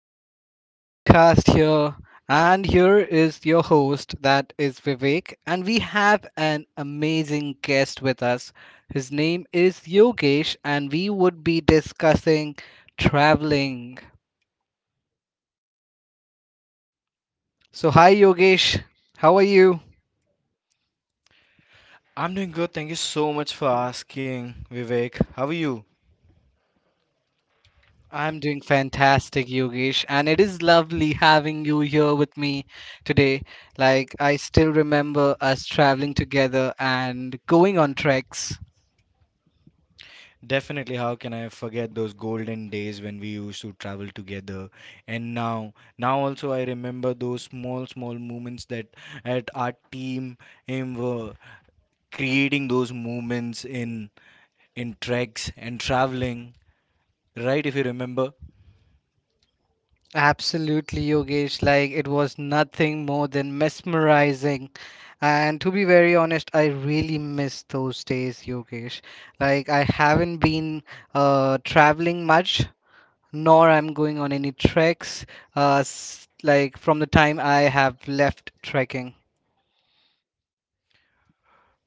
Welcome to the podcast here. And here is your host, that is Vivek. And we have an amazing guest with us. His name is Yogesh, and we would be discussing traveling. So, hi, Yogesh. How are you? I'm doing good. Thank you so much for asking, Vivek. How are you? I'm doing fantastic, Yogesh, and it is lovely having you here with me today. Like, I still remember us traveling together and going on treks. Definitely, how can I forget those golden days when we used to travel together? And now also I remember those small, small moments that at our team were creating those moments in treks and traveling. Right, if you remember. Absolutely, Yogesh. Like, it was nothing more than mesmerizing. And to be very honest, I really miss those days, Yogesh. Like, I haven't been traveling much nor I'm going on any treks like from the time I have left trekking.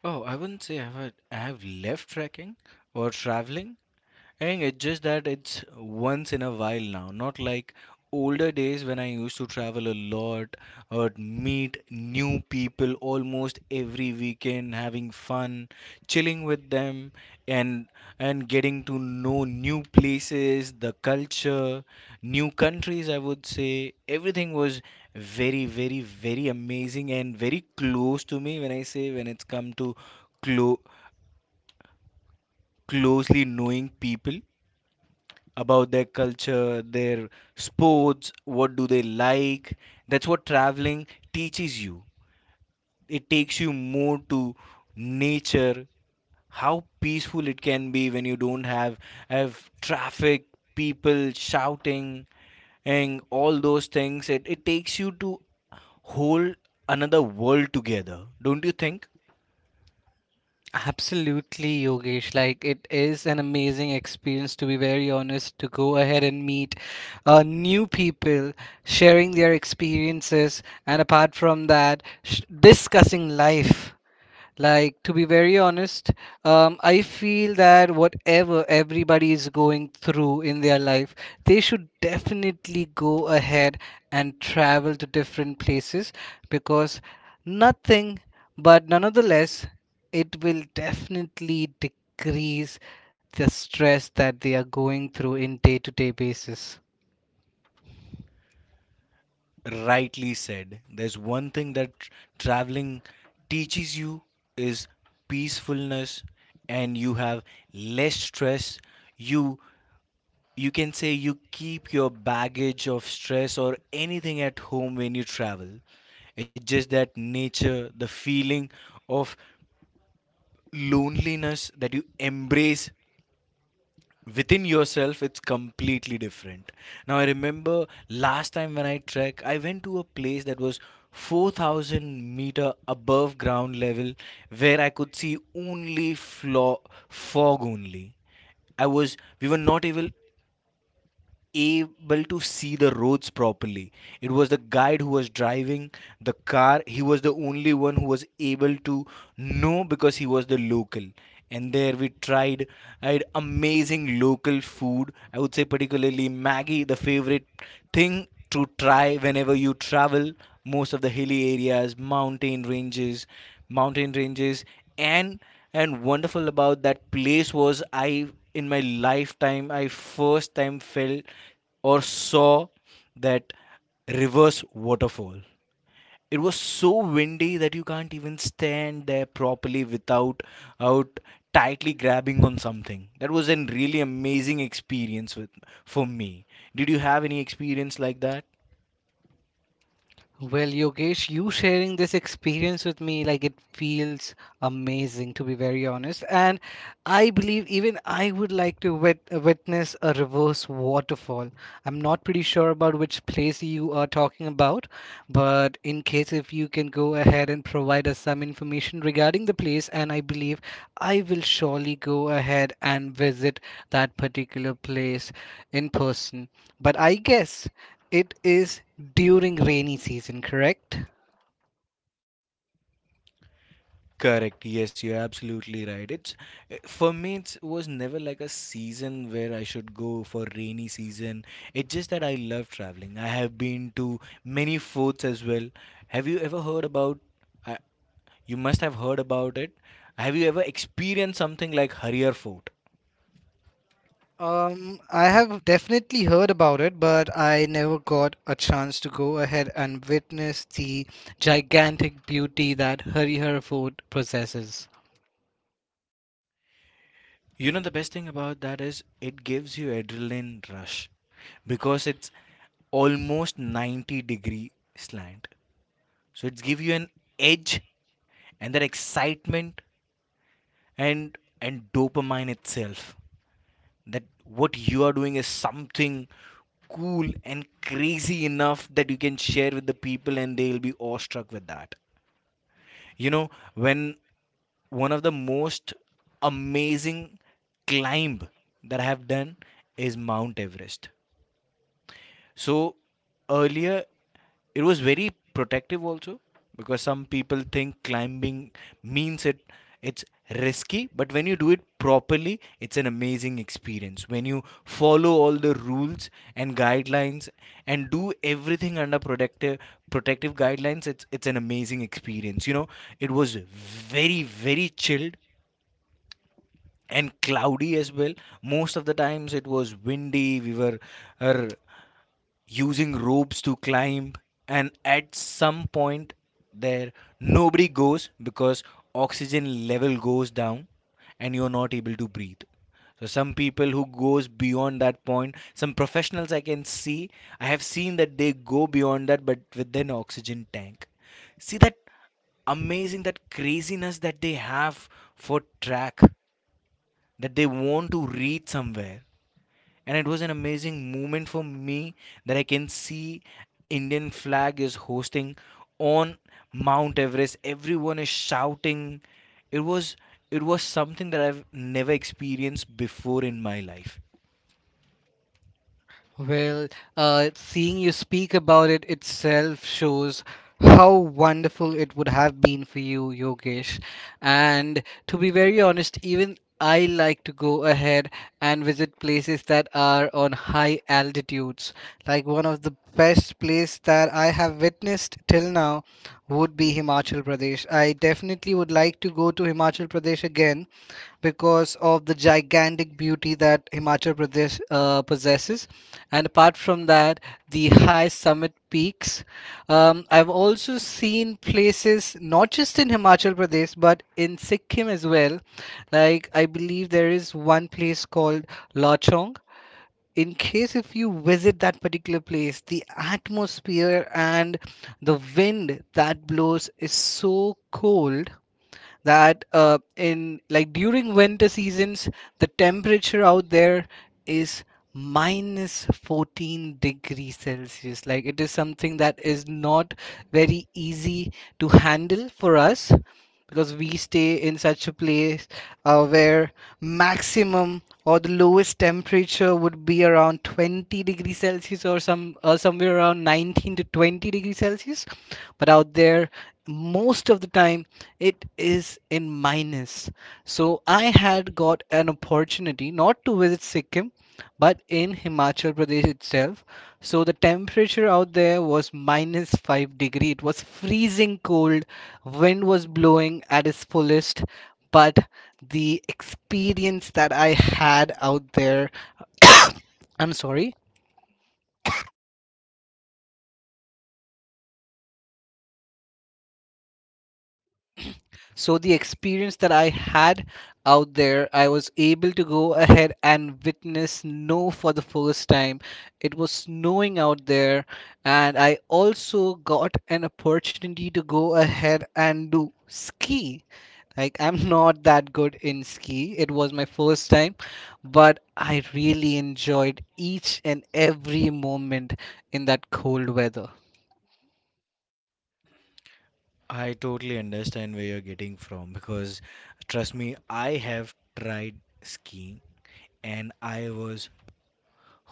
Oh, I wouldn't say I have left trekking or traveling. And it's just that it's once in a while now, not like older days when I used to travel a lot or meet new people almost every weekend, having fun, chilling with them and getting to know new places, the culture, new countries, I would say. Everything was very, very, very amazing and very close to me when I say when it's come to clo- closely knowing people about their culture, their sports, what do they like. That's what traveling teaches you. It takes you more to nature, how peaceful it can be when you don't have traffic, people shouting and all those things. It takes you to whole another world together. Don't you think? Absolutely, Yogesh. Like, it is an amazing experience, to be very honest, to go ahead and meet new people, sharing their experiences, and apart from that, discussing life. Like, to be very honest, I feel that whatever everybody is going through in their life, they should definitely go ahead and travel to different places because nothing, but nonetheless, it will definitely decrease the stress that they are going through in day to day basis. Rightly said. There's one thing that traveling teaches you is peacefulness and you have less stress. You you can say you keep your baggage of stress or anything at home when you travel. It's just that nature, the feeling of loneliness that you embrace within yourself, it's completely different. Now I remember last time when I trek, I went to a place that was 4000-meter above ground level, where I could see only fog only. I was We were not able to see the roads properly. It was the guide who was driving the car. He was the only one who was able to know because he was the local. And there we tried, I had amazing local food. I would say particularly Maggie, the favorite thing to try whenever you travel most of the hilly areas, mountain ranges, and wonderful about that place was I in my lifetime I first time felt or saw that reverse waterfall. It was so windy that you can't even stand there properly without out tightly grabbing on something. That was a really amazing experience with for me. Did you have any experience like that? Well, Yogesh, you sharing this experience with me, like it feels amazing to be very honest. And I believe even I would like to witness a reverse waterfall. I'm not pretty sure about which place you are talking about, but in case if you can go ahead and provide us some information regarding the place, and I believe I will surely go ahead and visit that particular place in person. But I guess it is during rainy season, correct? Correct. Yes, you're absolutely right. It's for me, it was never like a season where I should go for rainy season. It's just that I love traveling. I have been to many forts as well. Have you ever heard about? I You must have heard about it. Have you ever experienced something like Harrier Fort? I have definitely heard about it, but I never got a chance to go ahead and witness the gigantic beauty that Harihar Fort possesses. You know, the best thing about that is it gives you adrenaline rush because it's almost 90-degree slant, so it's give you an edge and that excitement and dopamine itself that what you are doing is something cool and crazy enough that you can share with the people and they'll be awestruck with that, you know. When one of the most amazing climb that I have done is Mount Everest. So earlier it was very protective also, because some people think climbing means it's risky, but when you do it properly, it's an amazing experience when you follow all the rules and guidelines and do everything under protective guidelines. It's an amazing experience, you know. It was very very chilled and cloudy as well. Most of the times it was windy. We were uh, using ropes to climb, and at some point there nobody goes because oxygen level goes down and you're not able to breathe. So some people who goes beyond that point, some professionals, I can see I have seen that they go beyond that but with an oxygen tank. See that amazing, that craziness that they have for track, that they want to reach somewhere. And it was an amazing moment for me that I can see Indian flag is hosting on Mount Everest. Everyone is shouting. It was it was something that I've never experienced before in my life. Well, seeing you speak about it itself shows how wonderful it would have been for you, Yogesh. And to be very honest, even I like to go ahead and visit places that are on high altitudes. Like one of the best place that I have witnessed till now would be Himachal Pradesh. I definitely would like to go to Himachal Pradesh again because of the gigantic beauty that Himachal Pradesh possesses. And apart from that, the high summit peaks. I've also seen places not just in Himachal Pradesh but in Sikkim as well. Like I believe there is one place called Lachong. In case if you visit that particular place, the atmosphere and the wind that blows is so cold that in like during winter seasons, the temperature out there is minus 14 degrees celsius. Like, it is something that is not very easy to handle for us because we stay in such a place where maximum or the lowest temperature would be around 20 degrees celsius or some somewhere around 19 to 20 degrees celsius, but out there most of the time it is in minus. So I had got an opportunity not to visit Sikkim, but in Himachal Pradesh itself. So the temperature out there was minus five degree. It was freezing cold. Wind was blowing at its fullest. But the experience that I had out there, I'm sorry, So the experience that I had out there, I was able to go ahead and witness snow for the first time. It was snowing out there, and I also got an opportunity to go ahead and do ski. Like, I'm not that good in ski. It was my first time, but I really enjoyed each and every moment in that cold weather. I totally understand where you're getting from, because trust me, I have tried skiing and I was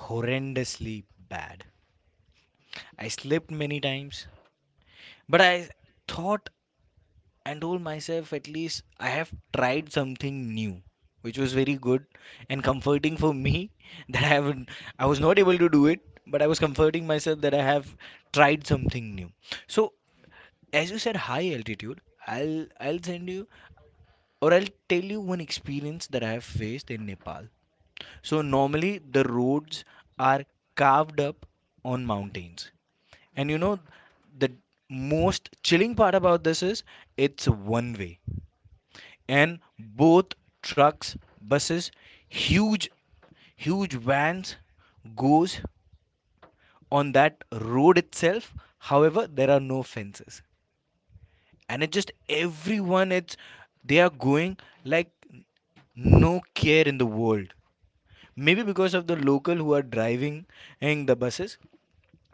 horrendously bad. I slipped many times, but I thought and told myself at least I have tried something new, which was very good and comforting for me that I was not able to do it, but I was comforting myself that I have tried something new. So as you said high altitude, I'll send you or I'll tell you one experience that I have faced in Nepal. So normally the roads are carved up on mountains. And you Hmm. know the most chilling part about this is it's one way, and both trucks, buses, huge huge vans goes on that road itself. However, there are no fences, and it's just everyone, it's they are going, like, no care in the world, maybe because of the local who are driving in the buses,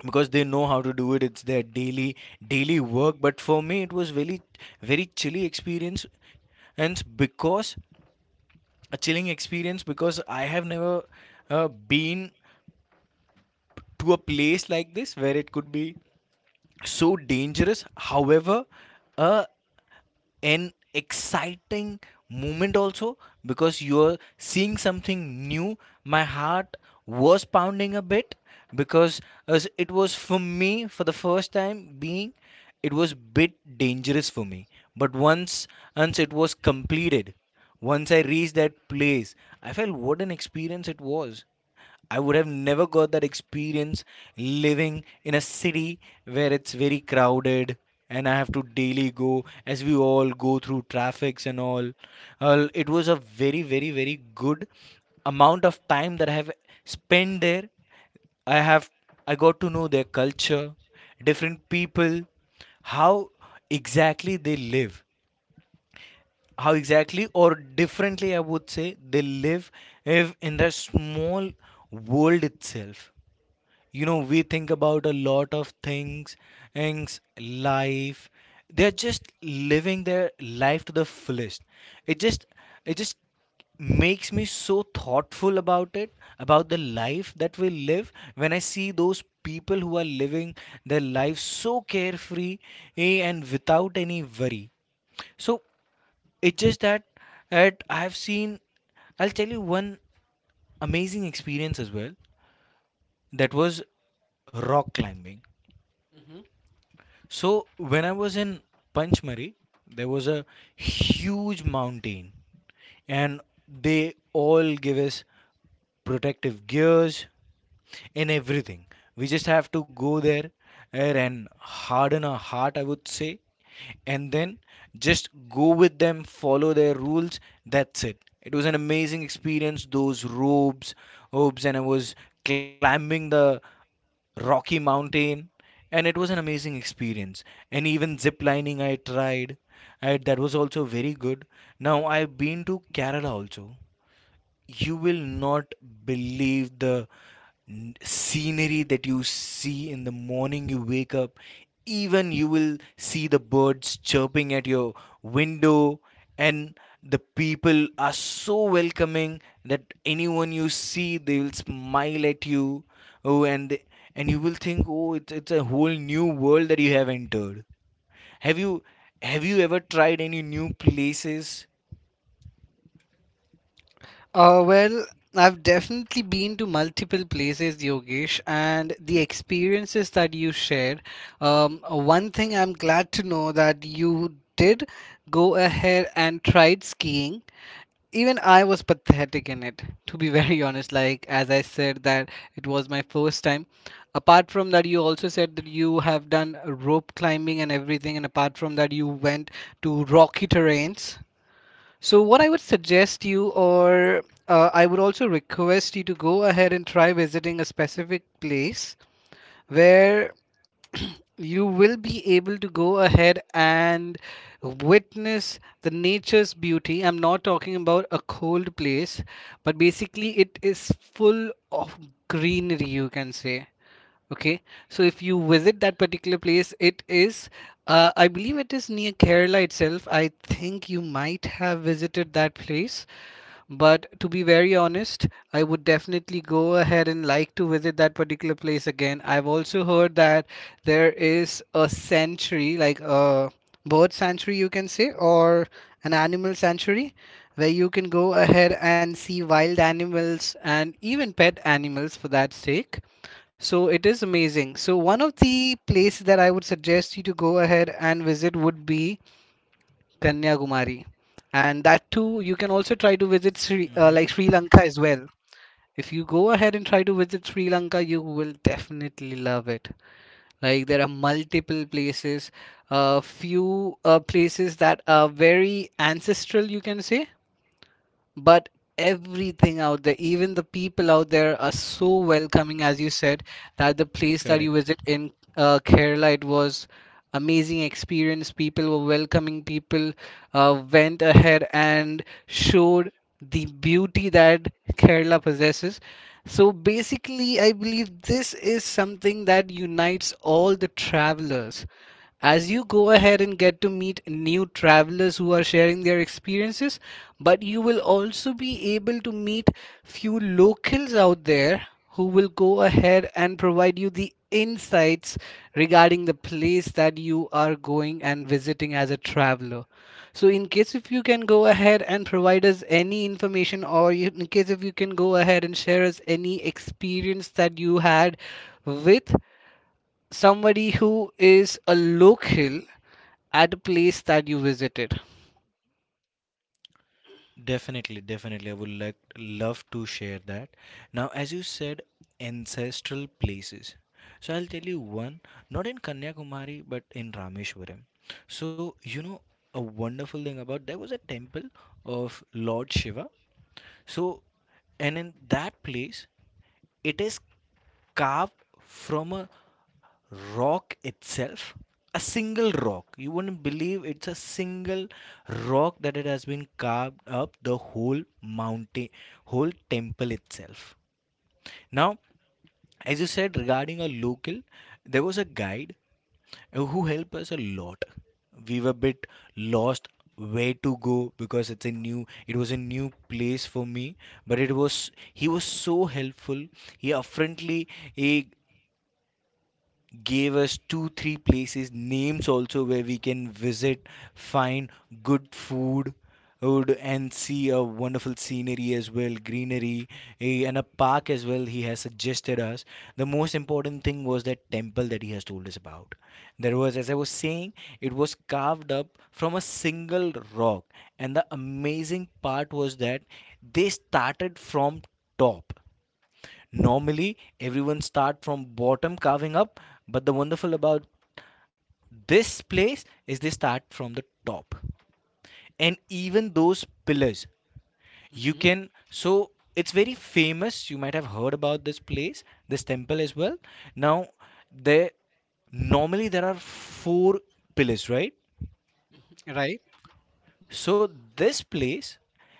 because they know how to do it, it's their daily work. But for me it was very very chilly experience, and because a chilling experience, because I have never been to a place like this where it could be so dangerous. However, a an exciting moment also, because you're seeing something new. My heart was pounding a bit, because as it was for me for the first time being, it was bit dangerous for me. But once it was completed, once I reached that place, I felt what an experience it was. I would have never got that experience living in a city where it's very crowded, and I have to daily go as we all go through traffics and all. It was a very, very, very good amount of time that I have spent there. I have I got to know their culture, different people, how exactly they live, how exactly or differently I would say they live if in their small world itself. You know we think about a lot of things, life they're just living their life to the fullest. it just it just makes me so thoughtful about it, about the life that we live, when I see those people who are living their life so carefree and without any worry. So it's just that at I've seen I'll tell you one amazing experience as well, that was rock climbing. Hmm. So when I was in Panchmari, there was a huge mountain, and they all give us protective gears in everything. We just have to go there and harden our heart, I would say, and then just go with them, follow their rules. That's it. It was an amazing experience. Those robes, and I was climbing the Rocky Mountain, and it was an amazing experience. And even zip lining I tried, that was also very good. Now I've been to Kerala also. You will not believe the scenery that you see in the morning. You wake up, even you will see the birds chirping at your window, and the people are so welcoming that anyone you see they will smile at you. oh and they, and you will think, oh it's a whole new world that you have entered. have you have you ever tried any new places? Uh, well, I've definitely been to multiple places, Yogesh, and the experiences that you shared. One thing I'm glad to know that you did go ahead and tried skiing, even I was pathetic in it, to be very honest. Like, as I said, that it was my first time. Apart from that, you also said that you have done rope climbing and everything, and apart from that, you went to rocky terrains. So, what I would suggest you, or I would also request you to go ahead and try visiting a specific place where you will be able to go ahead and witness the nature's beauty. I'm not talking about a cold place, but basically it is full of greenery, you can say. Okay, so if you visit that particular place, it is I believe it is near Kerala itself. I think you might have visited that place, but to be very honest, I would definitely go ahead and like to visit that particular place again. I've also heard that there is a sanctuary, like a bird sanctuary, you can say, or an animal sanctuary, where you can go ahead and see wild animals and even pet animals for that sake. So it is amazing. So one of the places that I would suggest you to go ahead and visit would be Kanyakumari. And that too, you can also try to visit Hmm. like Sri Lanka as well. If you go ahead and try to visit Sri Lanka, you will definitely love it. Like, there are multiple places, a few places that are very ancestral, you can say, but everything out there, even the people out there are so welcoming, as you said, that the place that Correct. you visit in Kerala, it was amazing experience. People were welcoming. People went ahead and showed the beauty that Kerala possesses. So basically, I believe this is something that unites all the travelers, as you go ahead and get to meet new travelers who are sharing their experiences, but you will also be able to meet few locals out there who will go ahead and provide you the insights regarding the place that you are going and visiting as a traveler. So in case if you can go ahead and provide us any information, in case if you can go ahead and share us any experience that you had with somebody who is a local at a place that you visited. Definitely, definitely. I would like love to share that. Now, as you said, ancestral places. So I'll tell you one, not in Kanyakumari, but in Rameshwaram. So, you know, a wonderful thing about there was a temple of Lord Shiva. So, and in that place, it is carved from a rock itself, a single rock. You wouldn't believe it's a single rock that it has been carved up, the whole mountain, whole temple itself. Now, as you said regarding a local, there was a guide who helped us a lot. We were a bit lost where to go because it was a new place for me. But it was he was so helpful. He apparently he gave us two, three places names also where we can visit, find good food and see a wonderful scenery as well, greenery and a park as well he has suggested us. The most important thing was that temple that he has told us about. There was, as I was saying, it was carved up from a single rock. And the amazing part was that they started from top. Normally, everyone start from bottom carving up, but the wonderful about this place is they start from the top. And even those pillars, you Mhm. can so it's very famous. You might have heard about this place, this temple as well. Now, there normally there are four pillars, right? Right. So this place,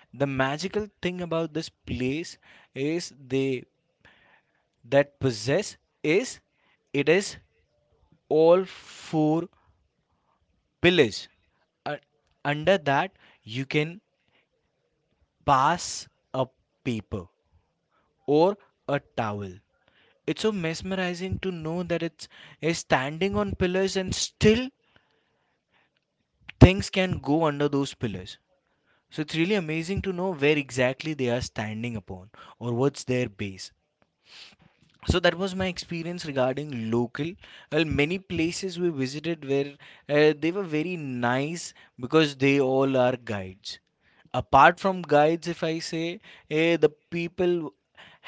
the magical thing about this place is they that possess is it is all four pillars. Uh, Under that, you can pass a paper or a towel. It's so mesmerizing to know that it's is standing on pillars and still things can go under those pillars. So it's really amazing to know where exactly they are standing upon or what's their base. So that was my experience regarding local. Well, many places we visited where they were very nice because they all are guides. Apart from guides, if I say, the people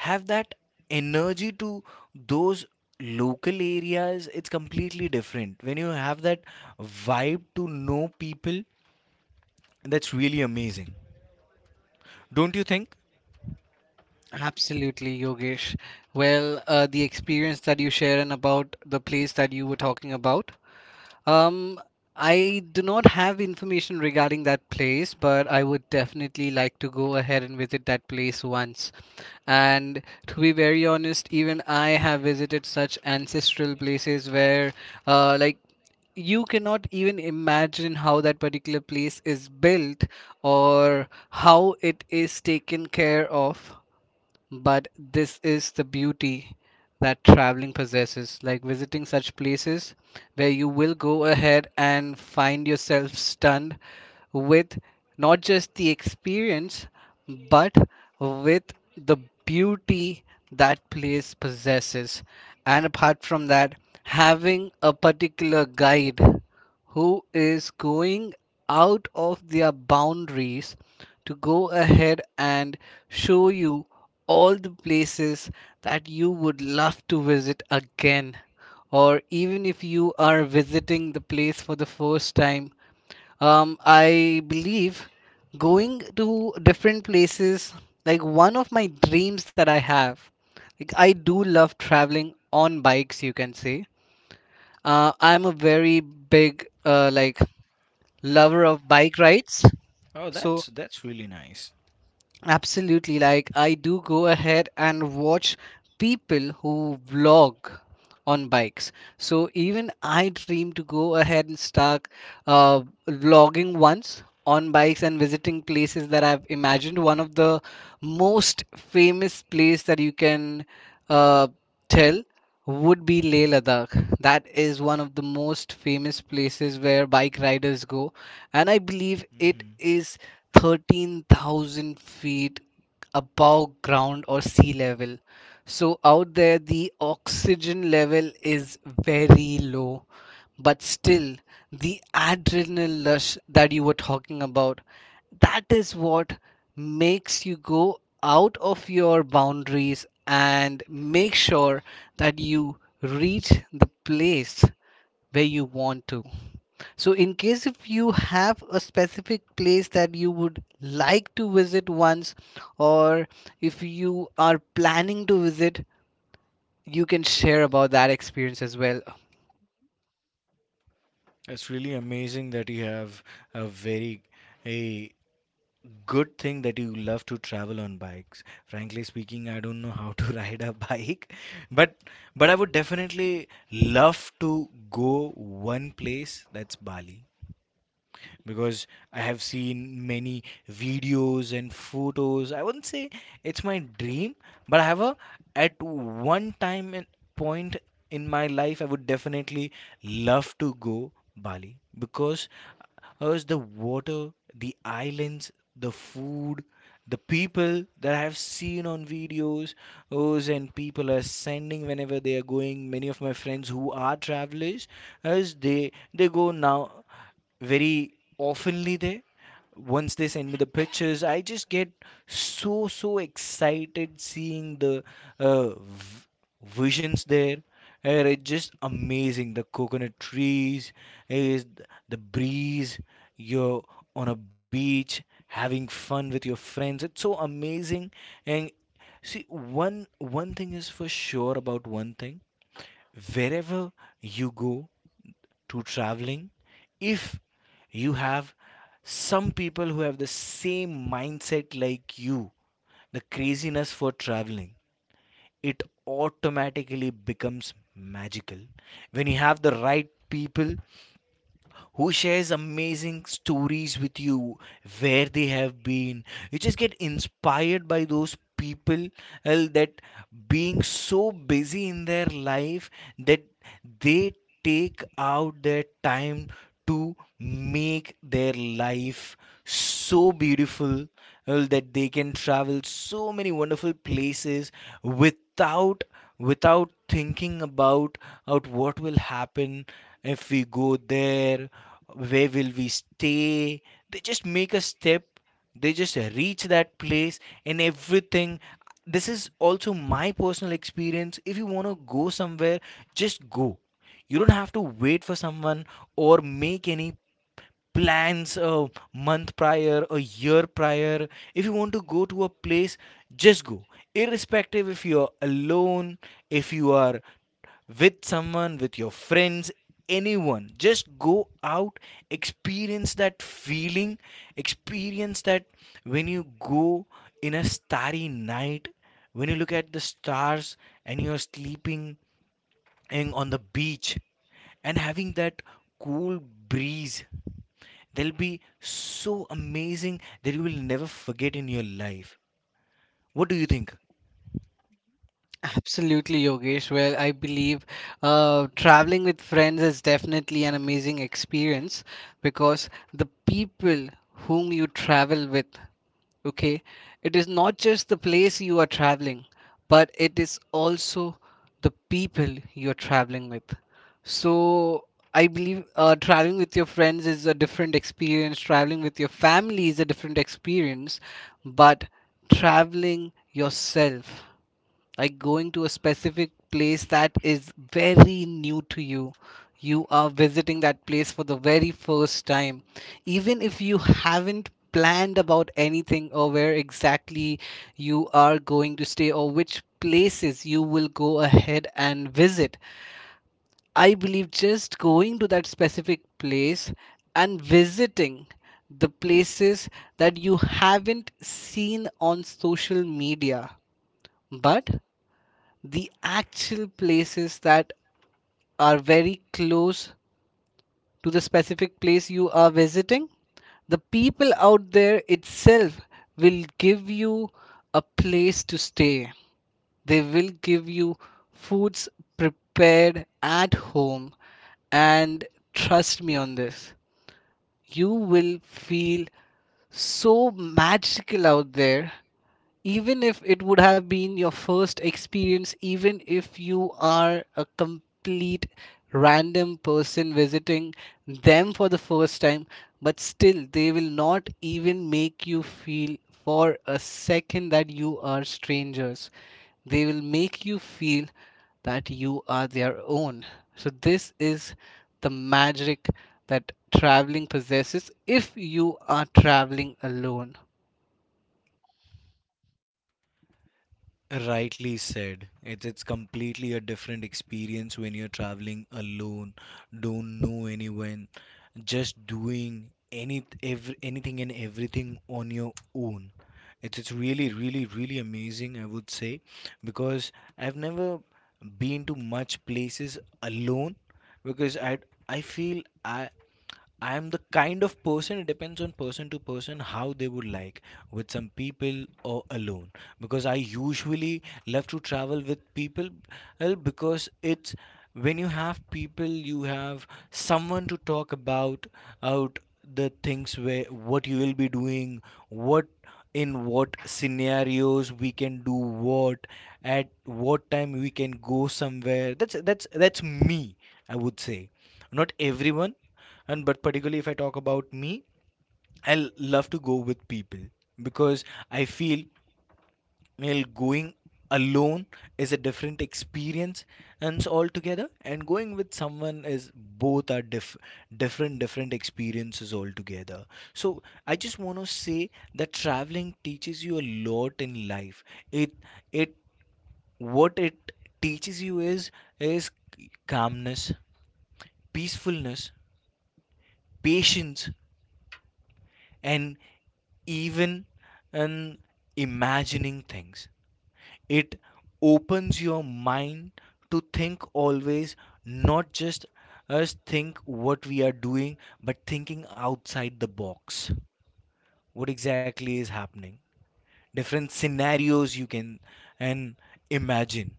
have that energy to those local areas, it's completely different when you have that vibe to know people. That's really amazing, don't you think? Absolutely, Yogesh. Well, the experience that you shared and about the place that you were talking about, Um, I do not have information regarding that place, but I would definitely like to go ahead and visit that place once. And to be very honest, even I have visited such ancestral places where, like, you cannot even imagine how that particular place is built or how it is taken care of, but this is the beauty that traveling possesses, like visiting such places where you will go ahead and find yourself stunned with not just the experience, but with the beauty that place possesses. And apart from that, having a particular guide who is going out of their boundaries to go ahead and show you all the places that you would love to visit again. Or even if you are visiting the place for the first time, I believe going to different places, like one of my dreams that I have, like I do love traveling on bikes, you can say. I'm a very big like lover of bike rides. Oh, that's So that's really nice. absolutely. Like, I do go ahead and watch people who vlog on bikes. So even I dream to go ahead and start uh, vlogging once on bikes and visiting places that I've imagined. One of the most famous place that you can uh, tell would be Leh Ladakh. That is one of the most famous places where bike riders go, and I believe it Hmm. is 13,000 feet above ground or sea level. So out there, the oxygen level is very low, but still, the adrenaline rush that you were talking about, that is what makes you go out of your boundaries and make sure that you reach the place where you want to. So, in case if you have a specific place that you would like to visit once, or if you are planning to visit, you can share about that experience as well. It's really amazing that you have a very a good thing that you love to travel on bikes. Frankly speaking, I don't know how to ride a bike, but I would definitely love to go one place, that's Bali, because I have seen many videos and photos. I wouldn't say it's my dream, but I have a at one time and point in my life I would definitely love to go Bali because us the water, the islands, the food, the people that I have seen on videos, us and people are sending whenever they are going. Many of my friends who are travelers, as they go now very oftenly there. Once they send me the pictures, I just get so excited seeing the uh, v- visions there. And it's just amazing. The coconut trees, is the breeze. You're on a beach having fun with your friends. It's so amazing. And see, one thing is for sure about one thing. Wherever you go, to traveling, if you have some people who have the same mindset like you, the craziness for traveling, it automatically becomes magical when you have the right people who shares amazing stories with you, where they have been. You just get inspired by those people that being so busy in their life that they take out their time to make their life so beautiful, that they can travel so many wonderful places without thinking about out what will happen if we go there, where will we stay? They just make a step, they just reach that place, and everything. This is also my personal experience. If you want to go somewhere, just go. You don't have to wait for someone or make any plans a month prior, a year prior. If you want to go to a place, just go. Irrespective if you are alone, if you are with someone, with your friends, anyone. Just go out, experience that feeling, experience that when you go in a starry night, when you look at the stars and you're sleeping in, on the beach and having that cool breeze. They'll be so amazing that you will never forget in your life. What do you think? Absolutely, Yogesh. Well, I believe traveling with friends is definitely an amazing experience, because the people whom you travel with, okay, it is not just the place you are traveling, but it is also the people you're traveling with. So I believe traveling with your friends is a different experience, traveling with your family is a different experience, but traveling yourself, like going to a specific place that is very new to you, you are visiting that place for the very first time, even if you haven't planned about anything or where exactly you are going to stay or which places you will go ahead and visit, I believe just going to that specific place and visiting the places that you haven't seen on social media, but the actual places that are very close to the specific place you are visiting, the people out there itself will give you a place to stay, they will give you foods prepared at home, and trust me on this, you will feel so magical out there. Even if it would have been your first experience, even if you are a complete random person visiting them for the first time, but still they will not even make you feel for a second that you are strangers. They will make you feel that you are their own. So, this is the magic that traveling possesses if you are traveling alone. Rightly said. It's completely a different experience when you're traveling alone, don't know anyone, just doing any every, anything and everything on your own. It's really really really amazing, I would say, because I've never been to much places alone because I feel I'm the kind of person, it depends on person to person how they would like with some people or alone. Because I usually love to travel with people, well, because it's when you have people, you have someone to talk about out the things where what you will be doing, what in what scenarios we can do what at what time we can go somewhere. That's me, I would say, not everyone. And but particularly if I talk about me, I love to go with people because I feel, well, going alone is a different experience and it's altogether, and going with someone is different different experiences altogether. So I just want to say that traveling teaches you a lot in life. It it what it teaches you is calmness, peacefulness, patience, and even in imagining things. It opens your mind to think always, not just us think what we are doing, but thinking outside the box. What exactly is happening? Different scenarios you can and imagine.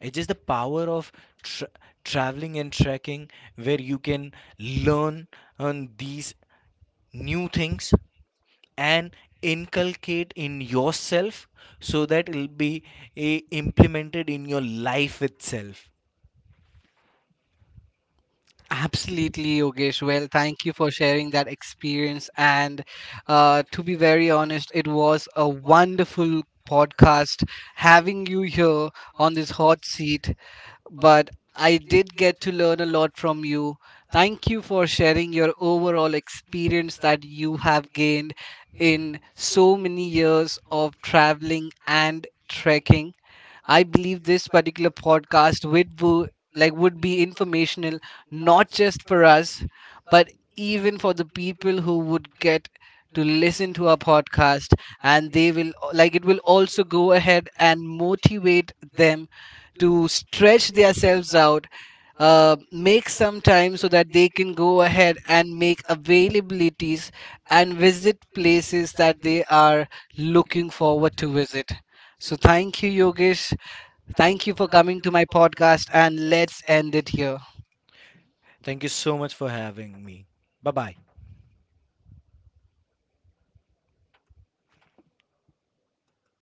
It's just the power of tra- traveling and trekking where you can learn on these new things and inculcate in yourself so that it'll be implemented in your life itself. Absolutely, Yogesh. Well, thank you for sharing that experience. And to be very honest, it was a wonderful podcast having you here on this hot seat. But I did get to learn a lot from you. Thank you for sharing your overall experience that you have gained in so many years of traveling and trekking. I believe this particular podcast would be, like would be informational not just for us, but even for the people who would get to listen to our podcast, and they will like it will also go ahead and motivate them to stretch themselves out, make some time so that they can go ahead and make availabilities and visit places that they are looking forward to visit. So, thank you, Yogesh. Thank you for coming to my podcast and let's end it here. Thank you so much for having me. Bye bye.